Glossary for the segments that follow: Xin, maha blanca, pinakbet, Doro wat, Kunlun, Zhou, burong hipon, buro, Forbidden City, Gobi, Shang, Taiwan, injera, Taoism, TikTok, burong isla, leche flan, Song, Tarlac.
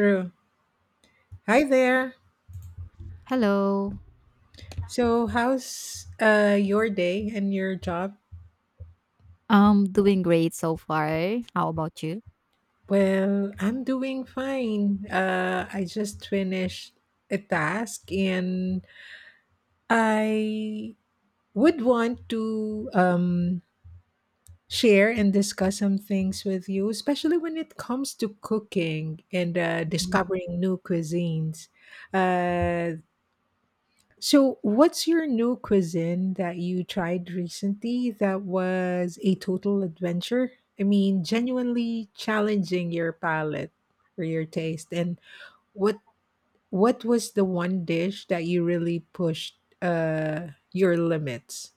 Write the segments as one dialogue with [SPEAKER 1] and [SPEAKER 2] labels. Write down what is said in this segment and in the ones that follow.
[SPEAKER 1] True. Hi there.
[SPEAKER 2] Hello.
[SPEAKER 1] So, how's your day and your job?
[SPEAKER 2] I'm doing great so far. How about you?
[SPEAKER 1] Well, I'm doing fine. I just finished a task and I would want to share and discuss some things with you, especially when it comes to cooking and
[SPEAKER 2] Mhm.
[SPEAKER 1] discovering new cuisines. Uh, So, what's your new cuisine that you tried recently that was a total adventure? I mean, genuinely challenging your palate or your taste. And what what was the one dish that you really pushed your limits?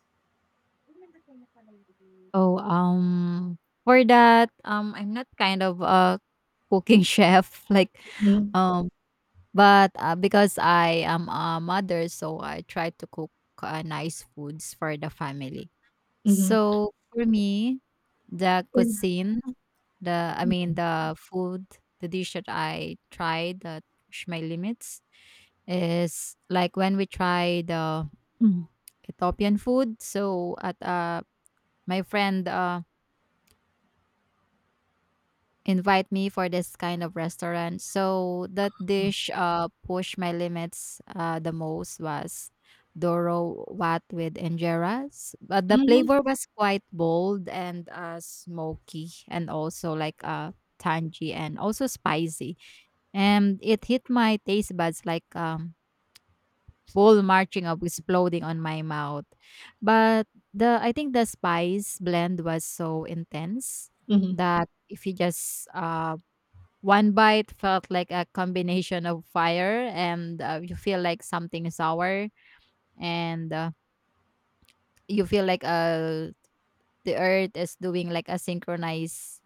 [SPEAKER 2] Oh, for that, I'm not kind of a cooking chef like
[SPEAKER 1] Mm-hmm.
[SPEAKER 2] um but because I am a mother, so I try to cook nice foods for the family.
[SPEAKER 1] Mm-hmm.
[SPEAKER 2] So for me, the
[SPEAKER 1] Mm.
[SPEAKER 2] cuisine, the I mean the food, the dish that I tried that pushed my limits is like when we tried the mm, Ethiopian food. So at my friend invite me for this kind of restaurant. So that dish pushed my limits the most was Doro wat with injeras. But the
[SPEAKER 1] Mm-hmm.
[SPEAKER 2] flavor was quite bold and smoky and also like tangy and also spicy. And it hit my taste buds like full marching up exploding on my mouth. But the I think the spice blend was so intense
[SPEAKER 1] Hmm.
[SPEAKER 2] that if you just one bite felt like a combination of fire and you feel like something sour and you feel like the earth is doing like a synchronized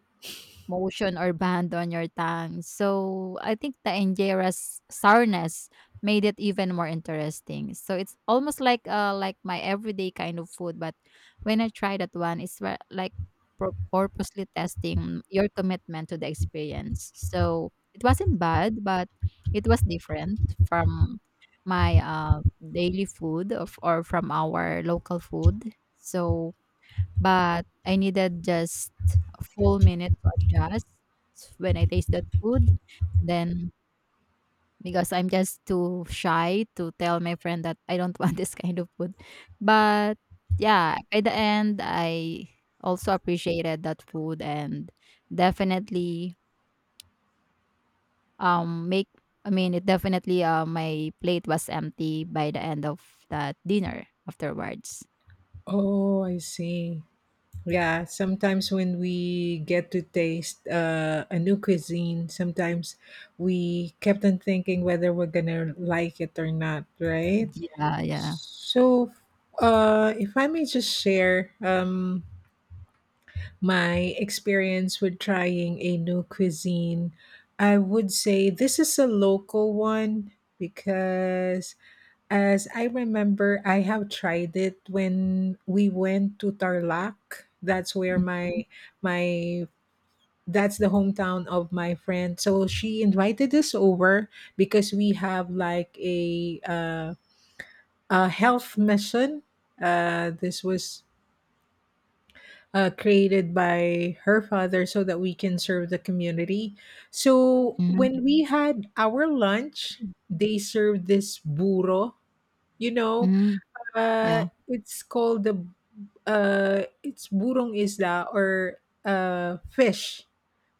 [SPEAKER 2] motion or band on your tongue. So I think the injera's sourness made it even more interesting. So it's almost like my everyday kind of food, but when I try that one, it's like purposely testing your commitment to the experience. So it wasn't bad, but it was different from my daily food of, or from our local food. So but I needed just a full minute to adjust when I taste that food. And then because I'm just too shy to tell my friend that I don't want this kind of food. But yeah, by the end I also appreciated that food and definitely make I mean it definitely my plate was empty by the end of that dinner afterwards.
[SPEAKER 1] Oh, I see. Yeah, sometimes when we get to taste a new cuisine, sometimes we kept on thinking whether we're gonna like it or not, right?
[SPEAKER 2] Yeah, yeah.
[SPEAKER 1] So, if I may just share my experience with trying a new cuisine, I would say this is a local one because as I remember, I have tried it when we went to Tarlac. That's where
[SPEAKER 2] Mhm,
[SPEAKER 1] my that's the hometown of my friend. So she invited us over because we have like a health mission. This was created by her father so that we can serve the community. So
[SPEAKER 2] mhm.
[SPEAKER 1] when we had our lunch, they served this burro. You know,
[SPEAKER 2] Mm, yeah.
[SPEAKER 1] It's called the it's burong isla or fish.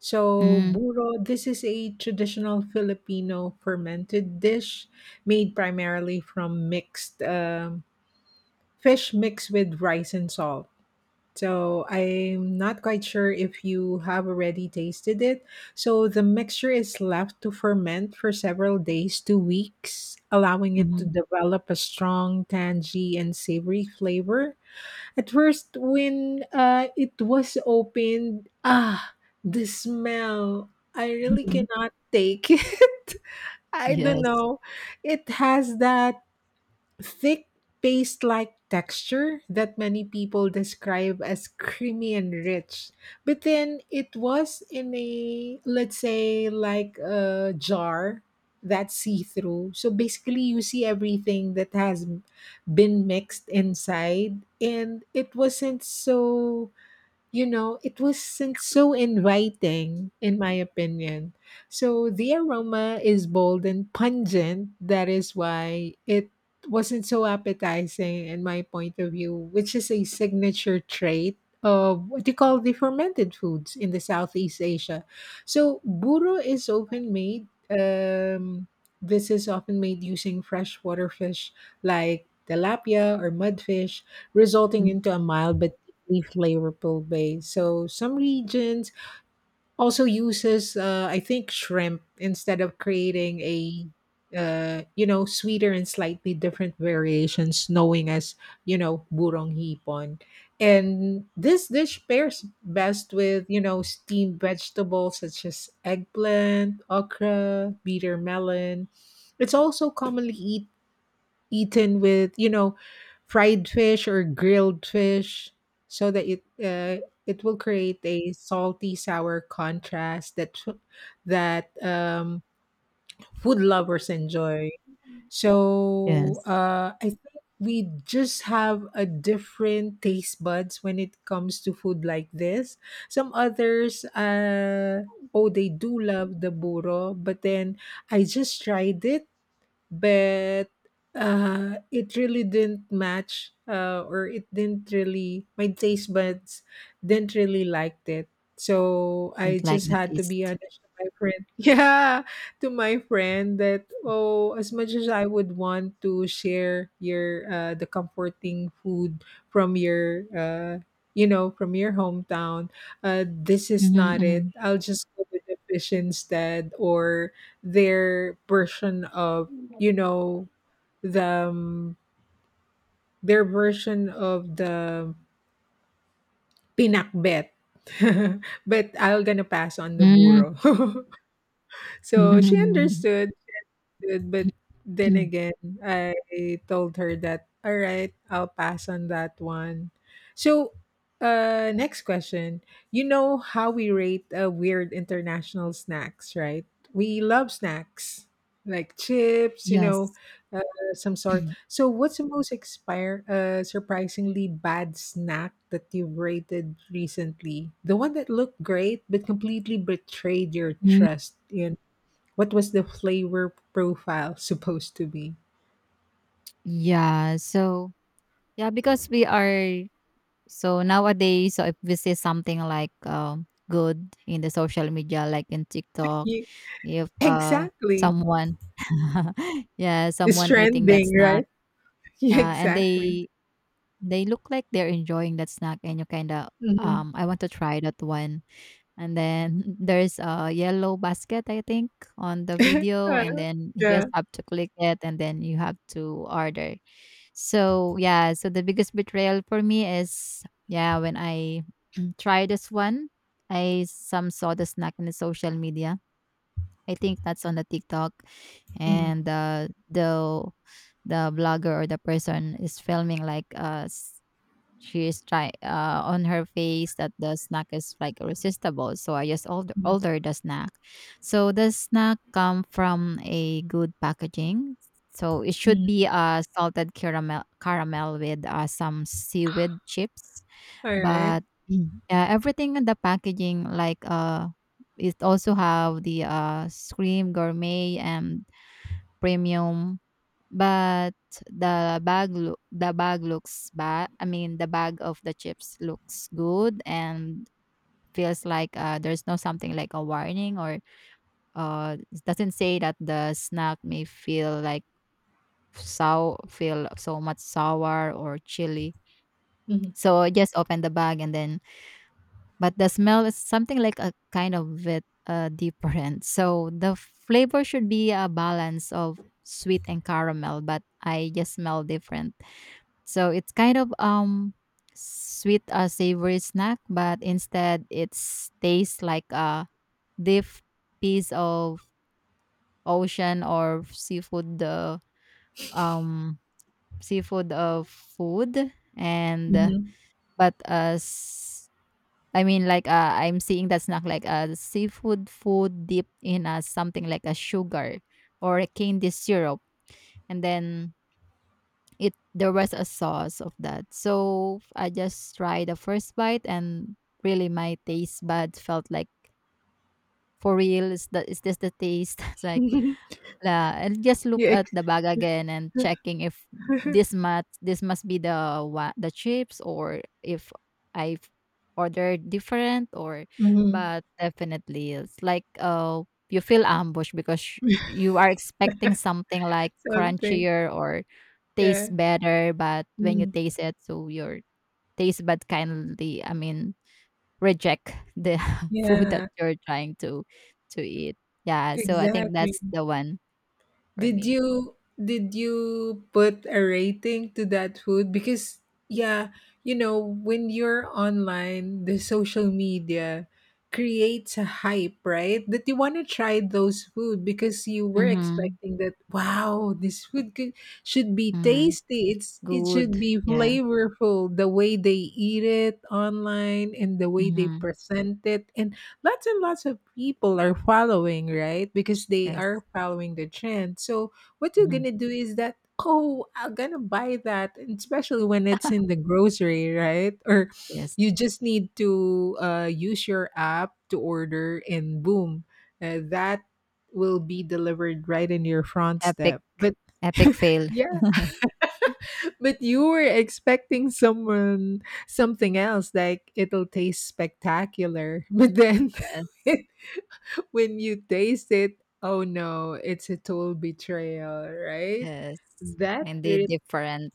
[SPEAKER 1] So
[SPEAKER 2] Mm.
[SPEAKER 1] buro, this is a traditional Filipino fermented dish made primarily from mixed fish mixed with rice and salt. So I'm not quite sure if you have already tasted it. So the mixture is left to ferment for several days to weeks, allowing it to
[SPEAKER 2] Mhm,
[SPEAKER 1] develop a strong, tangy, and savory flavor. At first, when it was opened, ah, the smell. I really
[SPEAKER 2] mhm.
[SPEAKER 1] cannot take. I don't
[SPEAKER 2] Yes.
[SPEAKER 1] know. It has that thick paste like texture that many people describe as creamy and rich. But then it was in a, let's say, like a jar that's see through. So basically, you see everything that has been mixed inside, and it wasn't so inviting, in my opinion. So the aroma is bold and pungent. That is why it wasn't so appetizing, in my point of view, which is a signature trait of what you call the fermented foods in the Southeast Asia. So buro is often made. This is often made using freshwater fish like tilapia or mudfish, resulting
[SPEAKER 2] Mm,
[SPEAKER 1] into a mild but flavorful base. So some regions also uses, I think, shrimp instead of creating a, sweeter and slightly different variations, knowing as burong hipon. And this dish pairs best with steamed vegetables such as eggplant, okra, bitter melon. It's also commonly eaten with fried fish or grilled fish, so that it will create a salty sour contrast that that um, food lovers enjoy. So
[SPEAKER 2] yes,
[SPEAKER 1] I think we just have a different taste buds when it comes to food like this. Some others, oh, they do love the burro, but then I just tried it, but it really didn't match, or it didn't really my taste buds didn't really liked it. So I
[SPEAKER 2] and like
[SPEAKER 1] just
[SPEAKER 2] the
[SPEAKER 1] had to be
[SPEAKER 2] taste.
[SPEAKER 1] honest to my friend. Yeah, to my friend, that, oh, as much as I would want to share your the comforting food from your you know from your hometown. This is not it.
[SPEAKER 2] Mhm,
[SPEAKER 1] I'll just go with the fish instead, or their version of you know the um, the pinakbet. But I'll gonna pass on the
[SPEAKER 2] mhm.
[SPEAKER 1] burro. So she
[SPEAKER 2] Mm.
[SPEAKER 1] understood. Good, but then again, I told her that, all right, I'll pass on that one. So, next question. You know how we rate weird international snacks, right? We love snacks like chips, you know,
[SPEAKER 2] Yes.
[SPEAKER 1] uh, some sort. So, what's the most expire, surprisingly bad snack that you've rated recently? The one that looked great but completely betrayed your
[SPEAKER 2] Mm.
[SPEAKER 1] trust, you what was the flavor profile supposed to be?
[SPEAKER 2] Yeah, so yeah, because we are so nowadays, so if we see something like, good in the social media, like in TikTok,
[SPEAKER 1] You,
[SPEAKER 2] if,
[SPEAKER 1] exactly.
[SPEAKER 2] someone yeah,
[SPEAKER 1] It's
[SPEAKER 2] someone eating that
[SPEAKER 1] trending,
[SPEAKER 2] snack,
[SPEAKER 1] right? Yeah,
[SPEAKER 2] and
[SPEAKER 1] exactly.
[SPEAKER 2] they look like they're enjoying that snack and you kinda,
[SPEAKER 1] Mhm.
[SPEAKER 2] "I want to try that one." And then there's a yellow basket, I think, on the video. And then you
[SPEAKER 1] Yeah.
[SPEAKER 2] just have to click it and then you have to order. So, yeah. So, the biggest betrayal for me is, yeah, when I try this one, I some saw the snack in the social media. I think that's on the TikTok.
[SPEAKER 1] Mhm.
[SPEAKER 2] And the blogger or the person is filming like she is try on her face that the snack is like irresistible. So I just order the snack. So the snack come from a good packaging. So it should be a salted caramel with some seaweed chips.
[SPEAKER 1] All right.
[SPEAKER 2] But Mm. yeah, everything in the packaging like it also have the scream gourmet and premium but the bag looks bad. I mean, the bag of the chips looks good and feels like, there's no something like a warning or, it doesn't say that the snack may feel like sour feel so much sour or chili.
[SPEAKER 1] Mhm.
[SPEAKER 2] So I just open the bag and then but the smell is something like a kind of bit, different. So the flavor should be a balance of sweet and caramel, but I just smell different. So it's kind of sweet savory snack, but instead it tastes like a deep piece of ocean or um seafood of food and
[SPEAKER 1] Mhm.
[SPEAKER 2] but as I mean like I'm seeing that snack like a seafood food dipped in something like a sugar or a candy syrup and then it there was a sauce of that. So I just tried the first bite and really my taste buds felt like for real is this the taste? It's like la and just look
[SPEAKER 1] Yeah.
[SPEAKER 2] at the bag again and checking if this must be the chips or if I've ordered different or
[SPEAKER 1] Mhm.
[SPEAKER 2] but definitely it's like you feel ambushed because you are expecting something like
[SPEAKER 1] Something.
[SPEAKER 2] crunchier or
[SPEAKER 1] Yeah.
[SPEAKER 2] tastes better, but when you
[SPEAKER 1] Mhm.
[SPEAKER 2] taste it, so your taste bud kindly I mean, reject the food that
[SPEAKER 1] Yeah.
[SPEAKER 2] you're trying to eat. Yeah, so I think
[SPEAKER 1] Exactly.
[SPEAKER 2] that's the one for
[SPEAKER 1] Did
[SPEAKER 2] me.
[SPEAKER 1] you did you put a rating to that food? Because yeah, when you're online, the social media creates a hype, right? That you want to try those food because you were
[SPEAKER 2] Mhm,
[SPEAKER 1] expecting that wow, this food could, should be
[SPEAKER 2] mm.
[SPEAKER 1] tasty. It should
[SPEAKER 2] Good,
[SPEAKER 1] be
[SPEAKER 2] yeah.
[SPEAKER 1] flavorful the way they eat it online and the way they
[SPEAKER 2] Mhm,
[SPEAKER 1] present it, and lots of people are following, right? Because they
[SPEAKER 2] yes.
[SPEAKER 1] are following the trend. So what you're
[SPEAKER 2] Mhm,
[SPEAKER 1] gonna do is that, oh, I'm gonna buy that, and especially when it's in the grocery, right? Or
[SPEAKER 2] yes.
[SPEAKER 1] you just need to use your app to order, and boom, that will be delivered right in your front
[SPEAKER 2] Epic
[SPEAKER 1] step. But
[SPEAKER 2] epic fail.
[SPEAKER 1] yeah, but you were expecting someone something else, like it'll taste spectacular, but then.
[SPEAKER 2] Yes,
[SPEAKER 1] When you taste it, oh no, it's a total betrayal, right?
[SPEAKER 2] yes.
[SPEAKER 1] That,
[SPEAKER 2] Kindly different.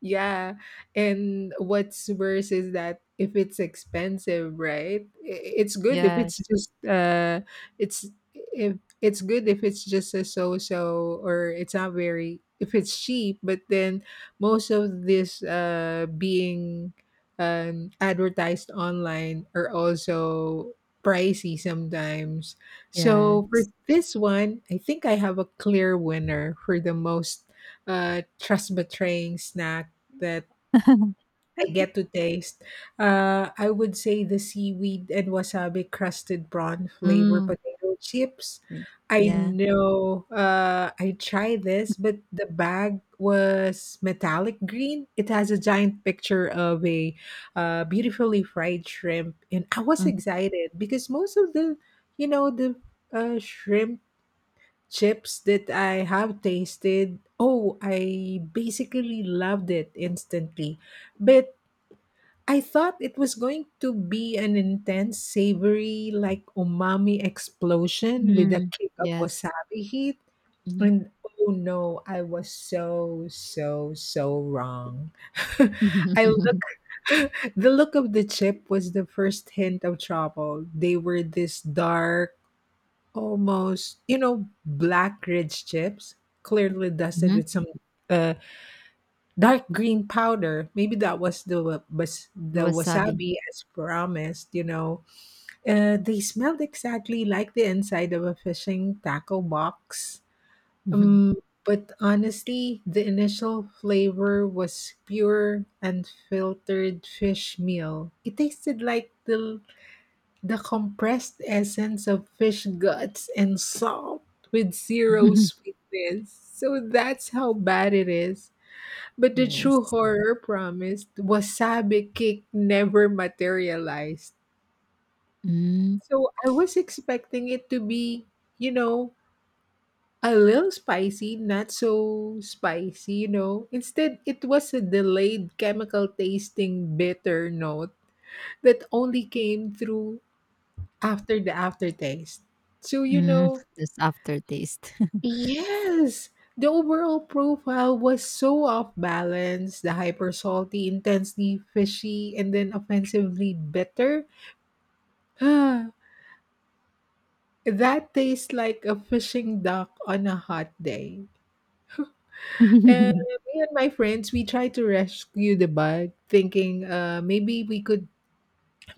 [SPEAKER 1] yeah, and what's worse is that if it's expensive, right? It's good if it's
[SPEAKER 2] Yes,
[SPEAKER 1] just it's if it's good, if it's just a so-so, or it's not very, if it's cheap, but then most of this being advertised online are also pricey sometimes. So for
[SPEAKER 2] yes.
[SPEAKER 1] this one, I think I have a clear winner for the most trust betraying snack that I get to taste. I would say the seaweed and wasabi crusted prawn flavor
[SPEAKER 2] Mm,
[SPEAKER 1] potato chips.
[SPEAKER 2] y
[SPEAKER 1] I
[SPEAKER 2] yeah.
[SPEAKER 1] know, I tried this, but the bag was metallic green. It has a giant picture of a beautifully fried shrimp, and I was
[SPEAKER 2] Mm,
[SPEAKER 1] excited because most of the shrimp chips that I have tasted, oh, I basically loved it instantly. But I thought it was going to be an intense, savory, like umami explosion with a
[SPEAKER 2] mm.
[SPEAKER 1] kick of
[SPEAKER 2] Yes.
[SPEAKER 1] wasabi heat.
[SPEAKER 2] Mhm.
[SPEAKER 1] And oh no, I was so, so, so wrong. I look, the look of the chip was the first hint of trouble. They were this dark, almost, black ridge chips, clearly dusted
[SPEAKER 2] Mhm.
[SPEAKER 1] with some uh, dark green powder. Maybe that was the wa- was
[SPEAKER 2] The
[SPEAKER 1] the
[SPEAKER 2] wasabi.
[SPEAKER 1] wasabi as promised. They smelled exactly like the inside of a fishing tackle box.
[SPEAKER 2] Mhm.
[SPEAKER 1] Um, but honestly, the initial flavor was pure unfiltered fish meal. It tasted like the compressed essence of fish guts and salt with zero sweetness. So that's how bad it is. But the true
[SPEAKER 2] Yes.
[SPEAKER 1] horror promised wasabi cake never materialized.
[SPEAKER 2] Mm,
[SPEAKER 1] So I was expecting it to be, you know, a little spicy, not so spicy. Instead, it was a delayed chemical tasting bitter note that only came through after the aftertaste. So,
[SPEAKER 2] mm, this aftertaste.
[SPEAKER 1] yes, the overall profile was so off balance. The hyper salty, intensely fishy, and then offensively bitter. That tastes like a fishing duck on a hot day. And me and my friends, we tried to rescue the bug, thinking, maybe we could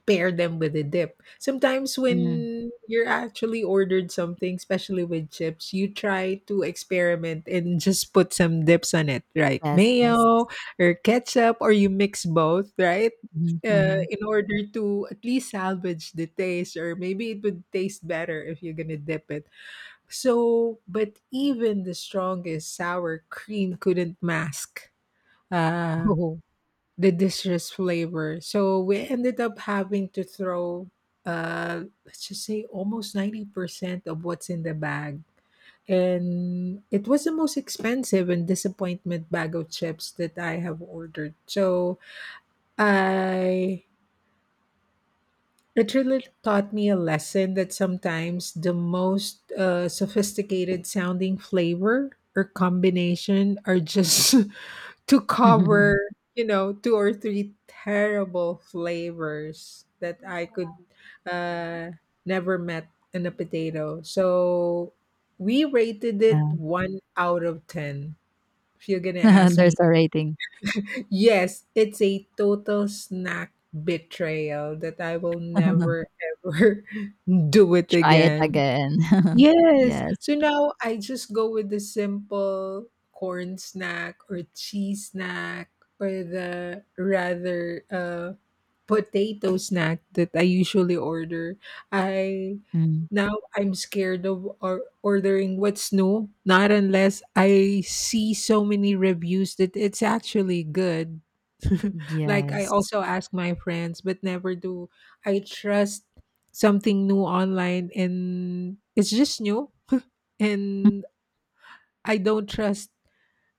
[SPEAKER 1] pair them with a dip. Sometimes
[SPEAKER 2] Mm,
[SPEAKER 1] when you're actually ordered something, especially with chips, you try to experiment and just put some dips on it, right?
[SPEAKER 2] yes, yes.
[SPEAKER 1] Mayo or ketchup, or you mix both, right?
[SPEAKER 2] Mhm, mhm.
[SPEAKER 1] In order to at least salvage the taste, or maybe it would taste better if you're gonna dip it. So, but even the strongest sour cream couldn't mask uh,
[SPEAKER 2] Oh.
[SPEAKER 1] the distress flavor. So we ended up having to throw, let's just say, almost 90% of what's in the bag. And it was the most expensive and disappointment bag of chips that I have ordered. So I. It really taught me a lesson that sometimes the most sophisticated sounding flavor or combination are just to cover, two or three terrible flavors that I could, uh, never met in a potato. So we rated it
[SPEAKER 2] Yeah.
[SPEAKER 1] one out of 10. If you're going to ask
[SPEAKER 2] There's
[SPEAKER 1] me,
[SPEAKER 2] a rating.
[SPEAKER 1] yes, it's a total snack betrayal that I will never ever do it
[SPEAKER 2] Try it
[SPEAKER 1] again.
[SPEAKER 2] again.
[SPEAKER 1] Yes.
[SPEAKER 2] Yes.
[SPEAKER 1] So now I just go with the simple corn snack or cheese snack, or the rather potato snack that I usually order. I
[SPEAKER 2] Mm,
[SPEAKER 1] Now I'm scared of or ordering what's new, not unless I see so many reviews that it's actually good. Like I
[SPEAKER 2] yes.
[SPEAKER 1] also ask my friends, but never do I trust something new online and it's just new, and I don't trust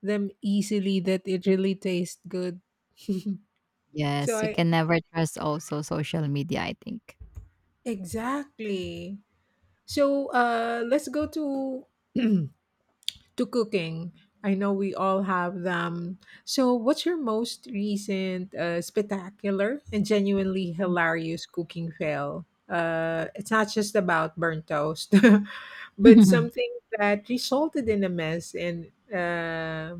[SPEAKER 1] them easily that it really tastes good. so
[SPEAKER 2] Yes, you
[SPEAKER 1] I
[SPEAKER 2] can never trust also social media, I think.
[SPEAKER 1] Exactly. So, let's go to to cooking. I know we all have them. So what's your most recent spectacular and genuinely hilarious cooking fail? It's not just about burnt toast, but something that resulted in a mess and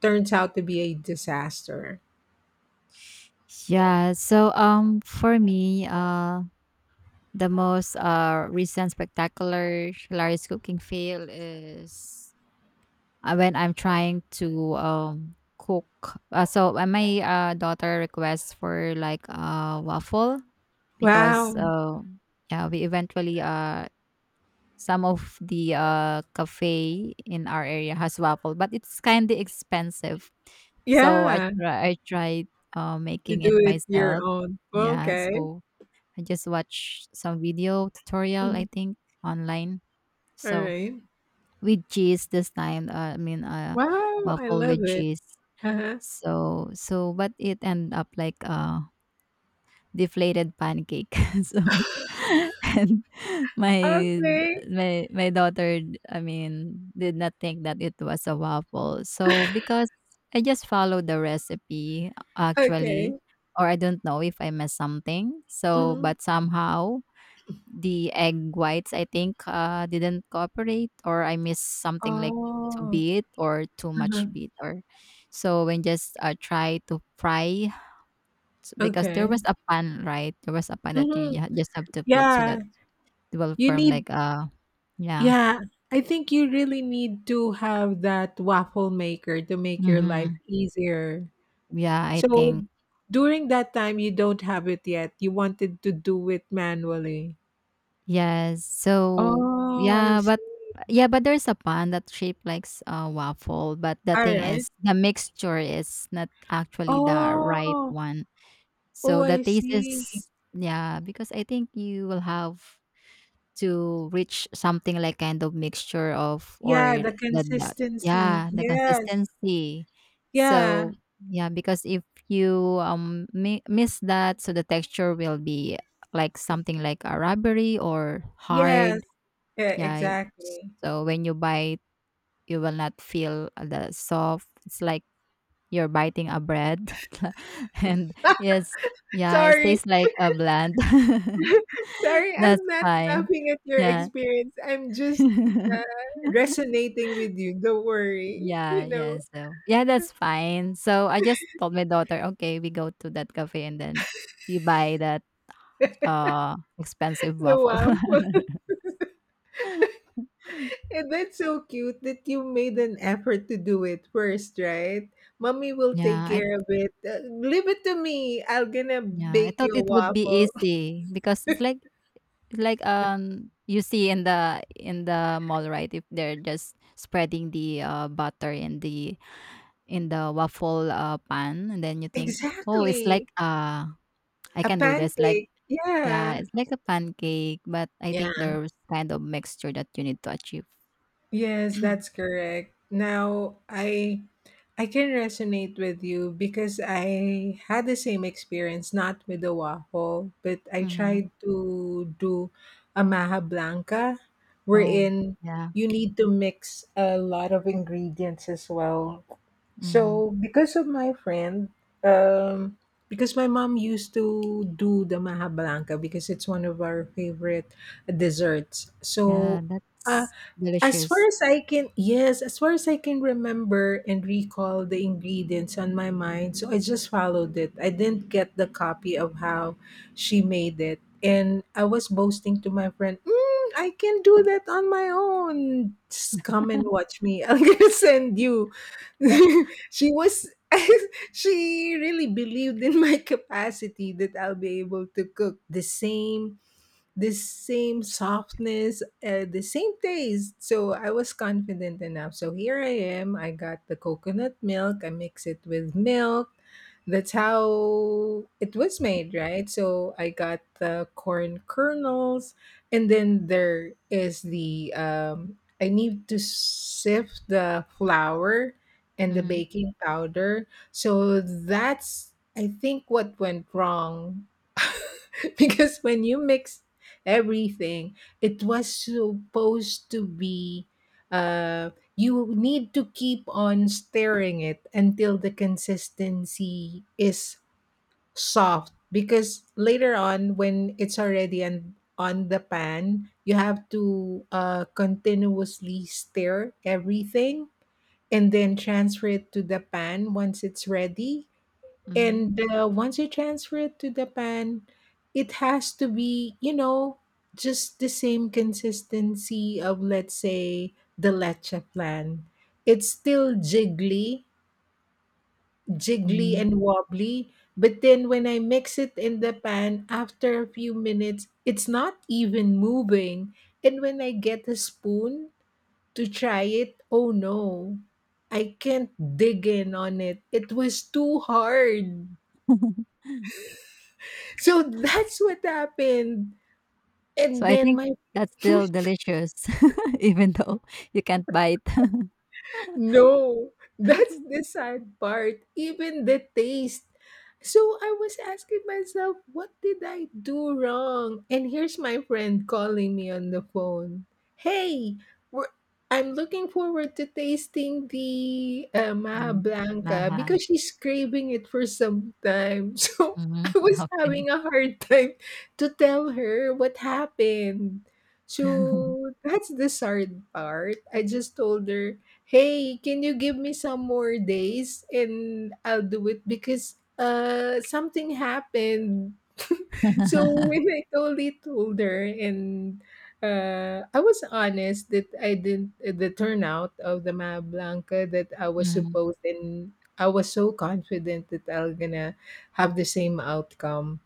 [SPEAKER 1] turns out to be a disaster.
[SPEAKER 2] Yeah, so, for me, the most recent spectacular hilarious cooking fail is when I'm trying to cook. So when my daughter requests for like a waffle because
[SPEAKER 1] Wow.
[SPEAKER 2] yeah, we eventually some of the cafe in our area has waffle, but it's kind of expensive. So
[SPEAKER 1] Yeah.
[SPEAKER 2] I tried
[SPEAKER 1] To
[SPEAKER 2] making it
[SPEAKER 1] do it your
[SPEAKER 2] myself.
[SPEAKER 1] own.
[SPEAKER 2] Yeah,
[SPEAKER 1] Okay.
[SPEAKER 2] so I just watched some video tutorial, I
[SPEAKER 1] Mhm.
[SPEAKER 2] think, online.
[SPEAKER 1] All
[SPEAKER 2] So
[SPEAKER 1] right.
[SPEAKER 2] with cheese this time, I mean,
[SPEAKER 1] Wow. I
[SPEAKER 2] waffle
[SPEAKER 1] love
[SPEAKER 2] with
[SPEAKER 1] it.
[SPEAKER 2] cheese.
[SPEAKER 1] Uh-huh.
[SPEAKER 2] But it ended up like a deflated pancake. So and my
[SPEAKER 1] Okay,
[SPEAKER 2] my daughter, I mean, did not think that it was a waffle. So because I just followed the recipe actually,
[SPEAKER 1] okay.
[SPEAKER 2] or I don't know if I missed something. So,
[SPEAKER 1] Mhm.
[SPEAKER 2] but somehow the egg whites, I think, didn't cooperate, or I missed something like too
[SPEAKER 1] Oh,
[SPEAKER 2] bit or too much
[SPEAKER 1] uh-huh,
[SPEAKER 2] bit, or so when just try to fry because there
[SPEAKER 1] okay.
[SPEAKER 2] was a pan, right? There was a pan that you
[SPEAKER 1] Mhm.
[SPEAKER 2] just have to put so
[SPEAKER 1] Yeah,
[SPEAKER 2] that it will
[SPEAKER 1] you
[SPEAKER 2] form
[SPEAKER 1] need,
[SPEAKER 2] like yeah,
[SPEAKER 1] yeah, I think you really need to have that waffle maker to make your life
[SPEAKER 2] mm-hmm.
[SPEAKER 1] easier.
[SPEAKER 2] Yeah, I
[SPEAKER 1] So
[SPEAKER 2] think
[SPEAKER 1] during that time you don't have it yet. You wanted to do it manually.
[SPEAKER 2] yes. So
[SPEAKER 1] Oh, I see.
[SPEAKER 2] yeah, but there's a pan that shaped like a waffle, but the
[SPEAKER 1] All
[SPEAKER 2] thing
[SPEAKER 1] right.
[SPEAKER 2] is the mixture is not actually the right
[SPEAKER 1] Oh,
[SPEAKER 2] one.
[SPEAKER 1] oh,
[SPEAKER 2] So the
[SPEAKER 1] I
[SPEAKER 2] taste
[SPEAKER 1] see.
[SPEAKER 2] is yeah, because I think you will have to reach something like kind of mixture of or
[SPEAKER 1] Yeah, the
[SPEAKER 2] the
[SPEAKER 1] consistency.
[SPEAKER 2] yeah, the
[SPEAKER 1] Yes.
[SPEAKER 2] consistency.
[SPEAKER 1] Yeah.
[SPEAKER 2] So yeah, because if you miss that, so the texture will be like something like a rubbery or
[SPEAKER 1] Yes.
[SPEAKER 2] hard.
[SPEAKER 1] Yeah,
[SPEAKER 2] Yeah.
[SPEAKER 1] exactly.
[SPEAKER 2] So when you bite, you will not feel the soft. It's like you're biting a bread and yes, yeah, it
[SPEAKER 1] Sorry,
[SPEAKER 2] tastes like a bland.
[SPEAKER 1] sorry,
[SPEAKER 2] That's
[SPEAKER 1] I'm not
[SPEAKER 2] fine.
[SPEAKER 1] laughing at your
[SPEAKER 2] Yeah.
[SPEAKER 1] experience. I'm just resonating with you. Don't worry.
[SPEAKER 2] Yeah,
[SPEAKER 1] You
[SPEAKER 2] yeah,
[SPEAKER 1] know,
[SPEAKER 2] so yeah, that's fine. So I just told my daughter, "Okay, we go to that cafe and then we buy that expensive
[SPEAKER 1] the
[SPEAKER 2] waffle."
[SPEAKER 1] wow. And that's so cute that you made an effort to do it first, right? Mommy will take
[SPEAKER 2] Yeah, I
[SPEAKER 1] care of it. Leave it to me. I'm gonna
[SPEAKER 2] yeah, I
[SPEAKER 1] bake
[SPEAKER 2] thought
[SPEAKER 1] you a
[SPEAKER 2] it would be
[SPEAKER 1] waffle.
[SPEAKER 2] easy because it's you see in the mall, right? If they're just spreading the butter in the waffle pan and then you think oh it's like
[SPEAKER 1] Exactly.
[SPEAKER 2] I
[SPEAKER 1] A
[SPEAKER 2] can do this like
[SPEAKER 1] pancake.
[SPEAKER 2] yeah
[SPEAKER 1] Yeah.
[SPEAKER 2] it's like a pancake but I think
[SPEAKER 1] Yeah.
[SPEAKER 2] there's kind of mixture that you need to achieve.
[SPEAKER 1] Yes, that's correct. Now, I can resonate with you because I had the same experience, not with the waffle, but I
[SPEAKER 2] Mm-hmm.
[SPEAKER 1] tried to do a maha blanca,
[SPEAKER 2] Oh
[SPEAKER 1] wherein
[SPEAKER 2] yeah.
[SPEAKER 1] you need to mix a lot of ingredients as well.
[SPEAKER 2] Mm-hmm.
[SPEAKER 1] So, because of my friend, um, because my mom used to do the maha blanca because it's one of our favorite desserts.
[SPEAKER 2] Yeah,
[SPEAKER 1] So, uh,
[SPEAKER 2] that's
[SPEAKER 1] as far
[SPEAKER 2] delicious.
[SPEAKER 1] as I can, yes, as far as I can remember and recall the ingredients on my mind, so I just followed it. I didn't get the copy of how she made it. And I was boasting to my friend, I can do that on my own. Just come and watch me. I'm going to send you. She was, she really believed in my capacity that I'll be able to cook the same softness, the same taste. So I was confident enough. So here I am. I got the coconut milk. I mix it with milk. That's how it was made, right? So I got the corn kernels, and then there is the I need to sift the flour and the
[SPEAKER 2] Mm-hmm.
[SPEAKER 1] baking powder. So that's I think what went wrong because when you mix everything. It was supposed to be you need to keep on stirring it until the consistency is soft because later on when it's already on the pan you have to continuously stir everything and then transfer it to the pan once it's ready
[SPEAKER 2] Mm-hmm.
[SPEAKER 1] and once you transfer it to the pan, it has to be, you know, just the same consistency of, let's say, the leche plan. It's still jiggly, jiggly
[SPEAKER 2] mm
[SPEAKER 1] and wobbly. But then when I mix it in the pan, after a few minutes, it's not even moving. And when I get a spoon to try it, oh no, I can't dig in on it. It was too hard. So that's what happened.
[SPEAKER 2] so
[SPEAKER 1] And
[SPEAKER 2] I
[SPEAKER 1] then
[SPEAKER 2] think
[SPEAKER 1] my.
[SPEAKER 2] that's still delicious even though you can't buy it.
[SPEAKER 1] No, that's the sad part. Even the taste. So I was asking myself, what did I do wrong? And here's my friend calling me on the phone. Hey, we're, I'm looking forward to tasting the Maha
[SPEAKER 2] Dim
[SPEAKER 1] Blanca
[SPEAKER 2] Mahal.
[SPEAKER 1] because she's craving it for some time. So
[SPEAKER 2] Mhm,
[SPEAKER 1] I was
[SPEAKER 2] okay.
[SPEAKER 1] having a hard time to tell her what happened. So that's the sad part. I just told her, hey, can you give me some more days and I'll do it because something happened. So when I totally told her and I was honest that I didn't the turnout of the Maya Blanca that I was
[SPEAKER 2] Mhm,
[SPEAKER 1] supposed and I was so confident that I am gonna have the same outcome.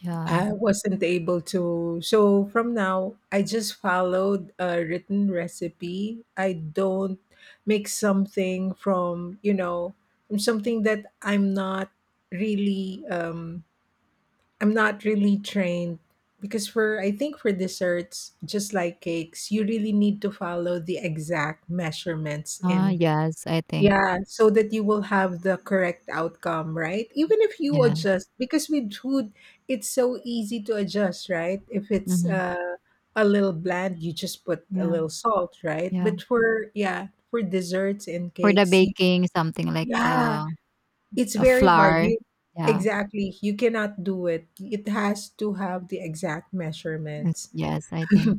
[SPEAKER 2] yeah.
[SPEAKER 1] I wasn't able to. So from now, I just followed a written recipe. I don't make something from, you know, from something that really um I'm not really trained because for I think for desserts, just like cakes, you really need to follow the exact measurements
[SPEAKER 2] Ah,
[SPEAKER 1] and
[SPEAKER 2] yes, I think.
[SPEAKER 1] yeah, so that you will have the correct outcome, right? Even if you
[SPEAKER 2] Yeah,
[SPEAKER 1] adjust, because with food, it's so easy to adjust, right? If it's
[SPEAKER 2] mhm,
[SPEAKER 1] a little bland, you just put a
[SPEAKER 2] yeah,
[SPEAKER 1] little salt, right?
[SPEAKER 2] yeah.
[SPEAKER 1] But for, yeah, for desserts and
[SPEAKER 2] For the
[SPEAKER 1] cakes, you,
[SPEAKER 2] baking, something like,
[SPEAKER 1] yeah, it's
[SPEAKER 2] a
[SPEAKER 1] very hard.
[SPEAKER 2] flour.
[SPEAKER 1] You,
[SPEAKER 2] Yeah,
[SPEAKER 1] exactly, you cannot do it. It has to have the exact
[SPEAKER 2] yes,
[SPEAKER 1] measurements.
[SPEAKER 2] yes, I think.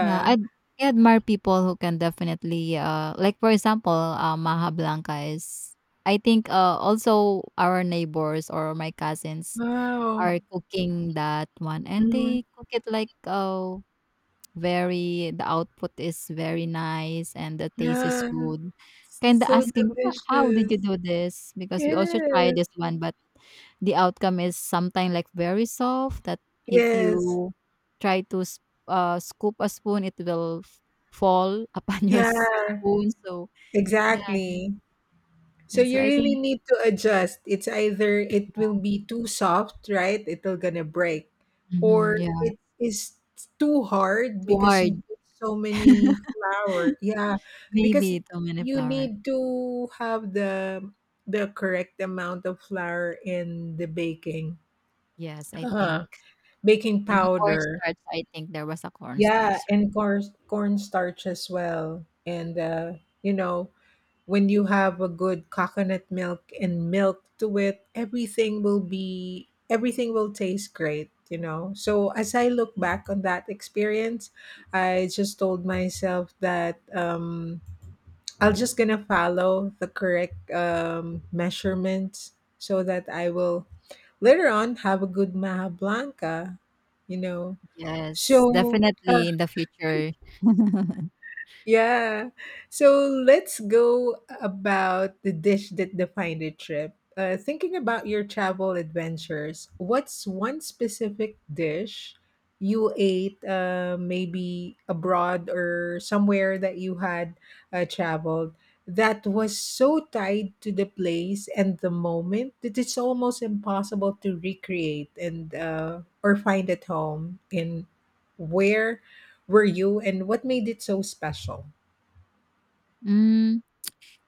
[SPEAKER 2] Yeah, I admire people who can definitely, like, for example, Maha Blanca is I think, also our neighbors or my cousins
[SPEAKER 1] Wow.
[SPEAKER 2] are cooking that one, and
[SPEAKER 1] Mm,
[SPEAKER 2] they cook it like, Very the output is very nice and the taste is
[SPEAKER 1] yeah.
[SPEAKER 2] good. Kinda
[SPEAKER 1] So
[SPEAKER 2] asking, "Wha how did
[SPEAKER 1] delicious.
[SPEAKER 2] you do this?" Because we also try
[SPEAKER 1] Yes.
[SPEAKER 2] this one, but the outcome is sometimes like, very soft that if
[SPEAKER 1] Yes.
[SPEAKER 2] you try to s scoop a spoon, it will f fall upon your
[SPEAKER 1] Yeah,
[SPEAKER 2] s spoon, so yeah,
[SPEAKER 1] exactly. So
[SPEAKER 2] and so
[SPEAKER 1] you
[SPEAKER 2] I
[SPEAKER 1] really
[SPEAKER 2] think
[SPEAKER 1] need to adjust. It's either it will be too soft, right? It'll gonna break.
[SPEAKER 2] mhm,
[SPEAKER 1] Or
[SPEAKER 2] yeah,
[SPEAKER 1] it is too hard
[SPEAKER 2] too
[SPEAKER 1] because you
[SPEAKER 2] hard.
[SPEAKER 1] put so many flour. Yeah. Because
[SPEAKER 2] Maybe too many
[SPEAKER 1] you
[SPEAKER 2] flour.
[SPEAKER 1] need to have the correct amount of flour in the baking.
[SPEAKER 2] Yes, I think.
[SPEAKER 1] Uh-huh. Baking
[SPEAKER 2] And the
[SPEAKER 1] powder.
[SPEAKER 2] cornstarch, I think there was a
[SPEAKER 1] Yeah,
[SPEAKER 2] cornstarch.
[SPEAKER 1] and cornstarch as well. And you know, when you have a good coconut milk and milk to it, everything will be everything will taste great, you know. So as I look back on that experience, I just told myself that I'll just gonna follow the correct measurements so that I will later on have a good Maha Blanca, you know.
[SPEAKER 2] Yes,
[SPEAKER 1] So
[SPEAKER 2] definitely in the future.
[SPEAKER 1] yeah. So let's go about the dish that defined the trip. Thinking about your travel adventures, what's one specific dish you ate maybe abroad or somewhere that you had traveled that was so tied to the place and the moment that it's almost impossible to recreate and or find at home in where were you and what made it so special?
[SPEAKER 2] Mm,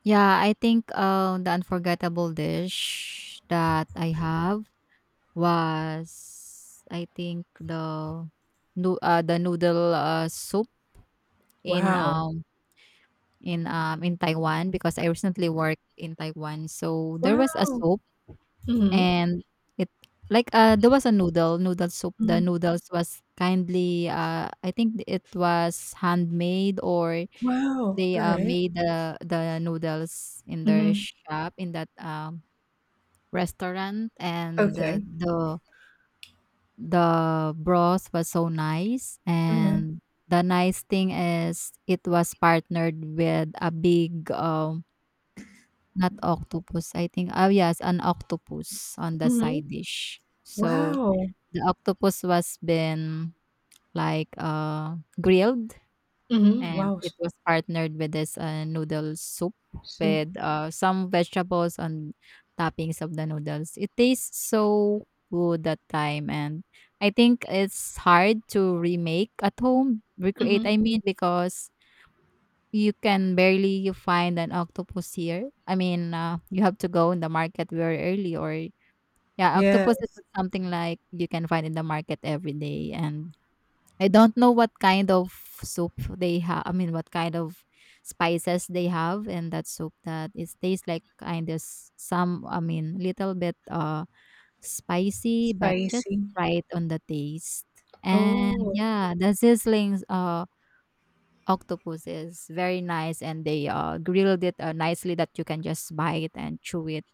[SPEAKER 2] yeah, I think the unforgettable dish that I have was I think the no the noodle soup in
[SPEAKER 1] Wow.
[SPEAKER 2] um in Taiwan because I recently worked in Taiwan. So there was a
[SPEAKER 1] Wow.
[SPEAKER 2] soup
[SPEAKER 1] Mhm.
[SPEAKER 2] and it like there was a noodle soup. The
[SPEAKER 1] Mhm.
[SPEAKER 2] noodles was kindly I think it was handmade or
[SPEAKER 1] Wow.
[SPEAKER 2] they,
[SPEAKER 1] Alright.
[SPEAKER 2] made the noodles in their
[SPEAKER 1] Mhm.
[SPEAKER 2] shop in that, restaurant, and
[SPEAKER 1] Okay.
[SPEAKER 2] the broth was so nice,
[SPEAKER 1] Mhm.
[SPEAKER 2] and the nice thing is it was partnered with a big, not octopus, I think oh, yes, an octopus on the
[SPEAKER 1] Mhm.
[SPEAKER 2] side dish. So,
[SPEAKER 1] Wow.
[SPEAKER 2] the octopus was been, like, grilled
[SPEAKER 1] Mhm.
[SPEAKER 2] and
[SPEAKER 1] Wow.
[SPEAKER 2] it
[SPEAKER 1] S
[SPEAKER 2] was partnered with this noodle soup
[SPEAKER 1] So.
[SPEAKER 2] with some vegetables and toppings of the noodles. It tastes so good that time, and I think it's hard to remake at home, recreate.
[SPEAKER 1] Mhm.
[SPEAKER 2] I mean, because you can barely find an octopus here. I mean, you have to go in the market very early, or yeah, octopus is
[SPEAKER 1] Yes.
[SPEAKER 2] something like you can find in the market every day, and I don't know what kind of soup they have. I mean, what kind of spices they have in that soup that it tastes like kind of some, I mean, little bit spicy, but just
[SPEAKER 1] Spicy.
[SPEAKER 2] right on the taste. And
[SPEAKER 1] Oh,
[SPEAKER 2] yeah, the sizzling octopus is very nice, and they grilled it nicely that you can just bite and chew it,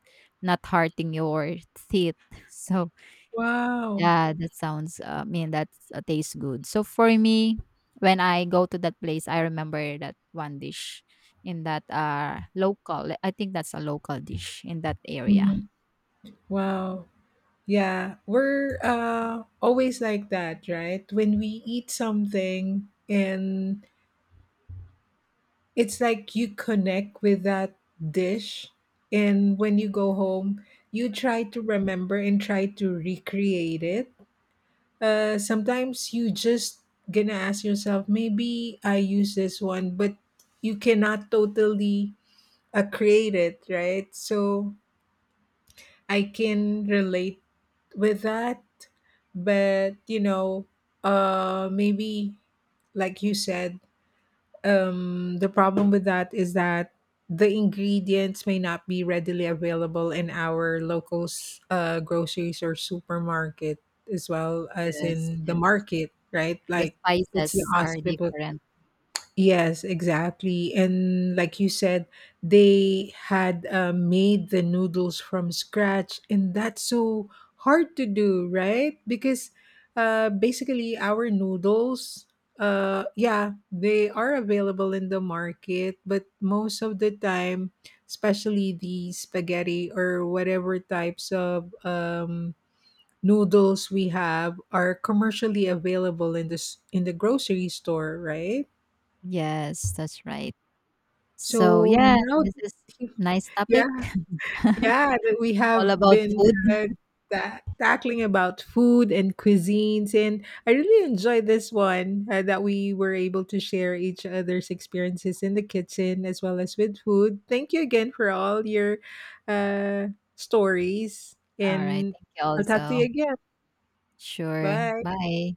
[SPEAKER 2] not hurting your teeth. So
[SPEAKER 1] wow.
[SPEAKER 2] yeah, that sounds, I mean, that's tastes good. So for me, when I go to that place, I remember that one dish in that local. I think that's a local dish in that area.
[SPEAKER 1] Mhm. Wow. Yeah. We're, always like that, right? When we eat something and it's like you connect with that dish, and when you go home, you try to remember and try to recreate it. Sometimes you just gonna ask yourself, maybe I use this one, but you cannot totally create it, right? So I can relate with that, but you know, maybe like you said, the problem with that is that the ingredients may not be readily available in our local groceries or supermarket as well as
[SPEAKER 2] Yes,
[SPEAKER 1] in the
[SPEAKER 2] yes.
[SPEAKER 1] market, right?
[SPEAKER 2] The
[SPEAKER 1] Like it's the
[SPEAKER 2] spices are
[SPEAKER 1] hospital.
[SPEAKER 2] different.
[SPEAKER 1] Yes, exactly. And like you said, they had made the noodles from scratch, and that's so hard to do, right? Because basically, our noodles, yeah, they are available in the market, but most of the time, especially the spaghetti or whatever types of noodles we have, are commercially available in this in the grocery store, right?
[SPEAKER 2] Yes, that's right. So
[SPEAKER 1] So
[SPEAKER 2] yeah,
[SPEAKER 1] now,
[SPEAKER 2] this is nice
[SPEAKER 1] yeah,
[SPEAKER 2] topic
[SPEAKER 1] yeah, that we
[SPEAKER 2] all
[SPEAKER 1] have
[SPEAKER 2] about
[SPEAKER 1] been
[SPEAKER 2] food.
[SPEAKER 1] uh, tackling about food and cuisines, and I really enjoyed this one that we were able to share each other's experiences in the kitchen as well as with food. Thank you again for all your uh, stories,
[SPEAKER 2] All right,
[SPEAKER 1] and
[SPEAKER 2] thank you
[SPEAKER 1] I'll talk to you
[SPEAKER 2] also.
[SPEAKER 1] again.
[SPEAKER 2] Sure.
[SPEAKER 1] Bye.
[SPEAKER 2] Bye.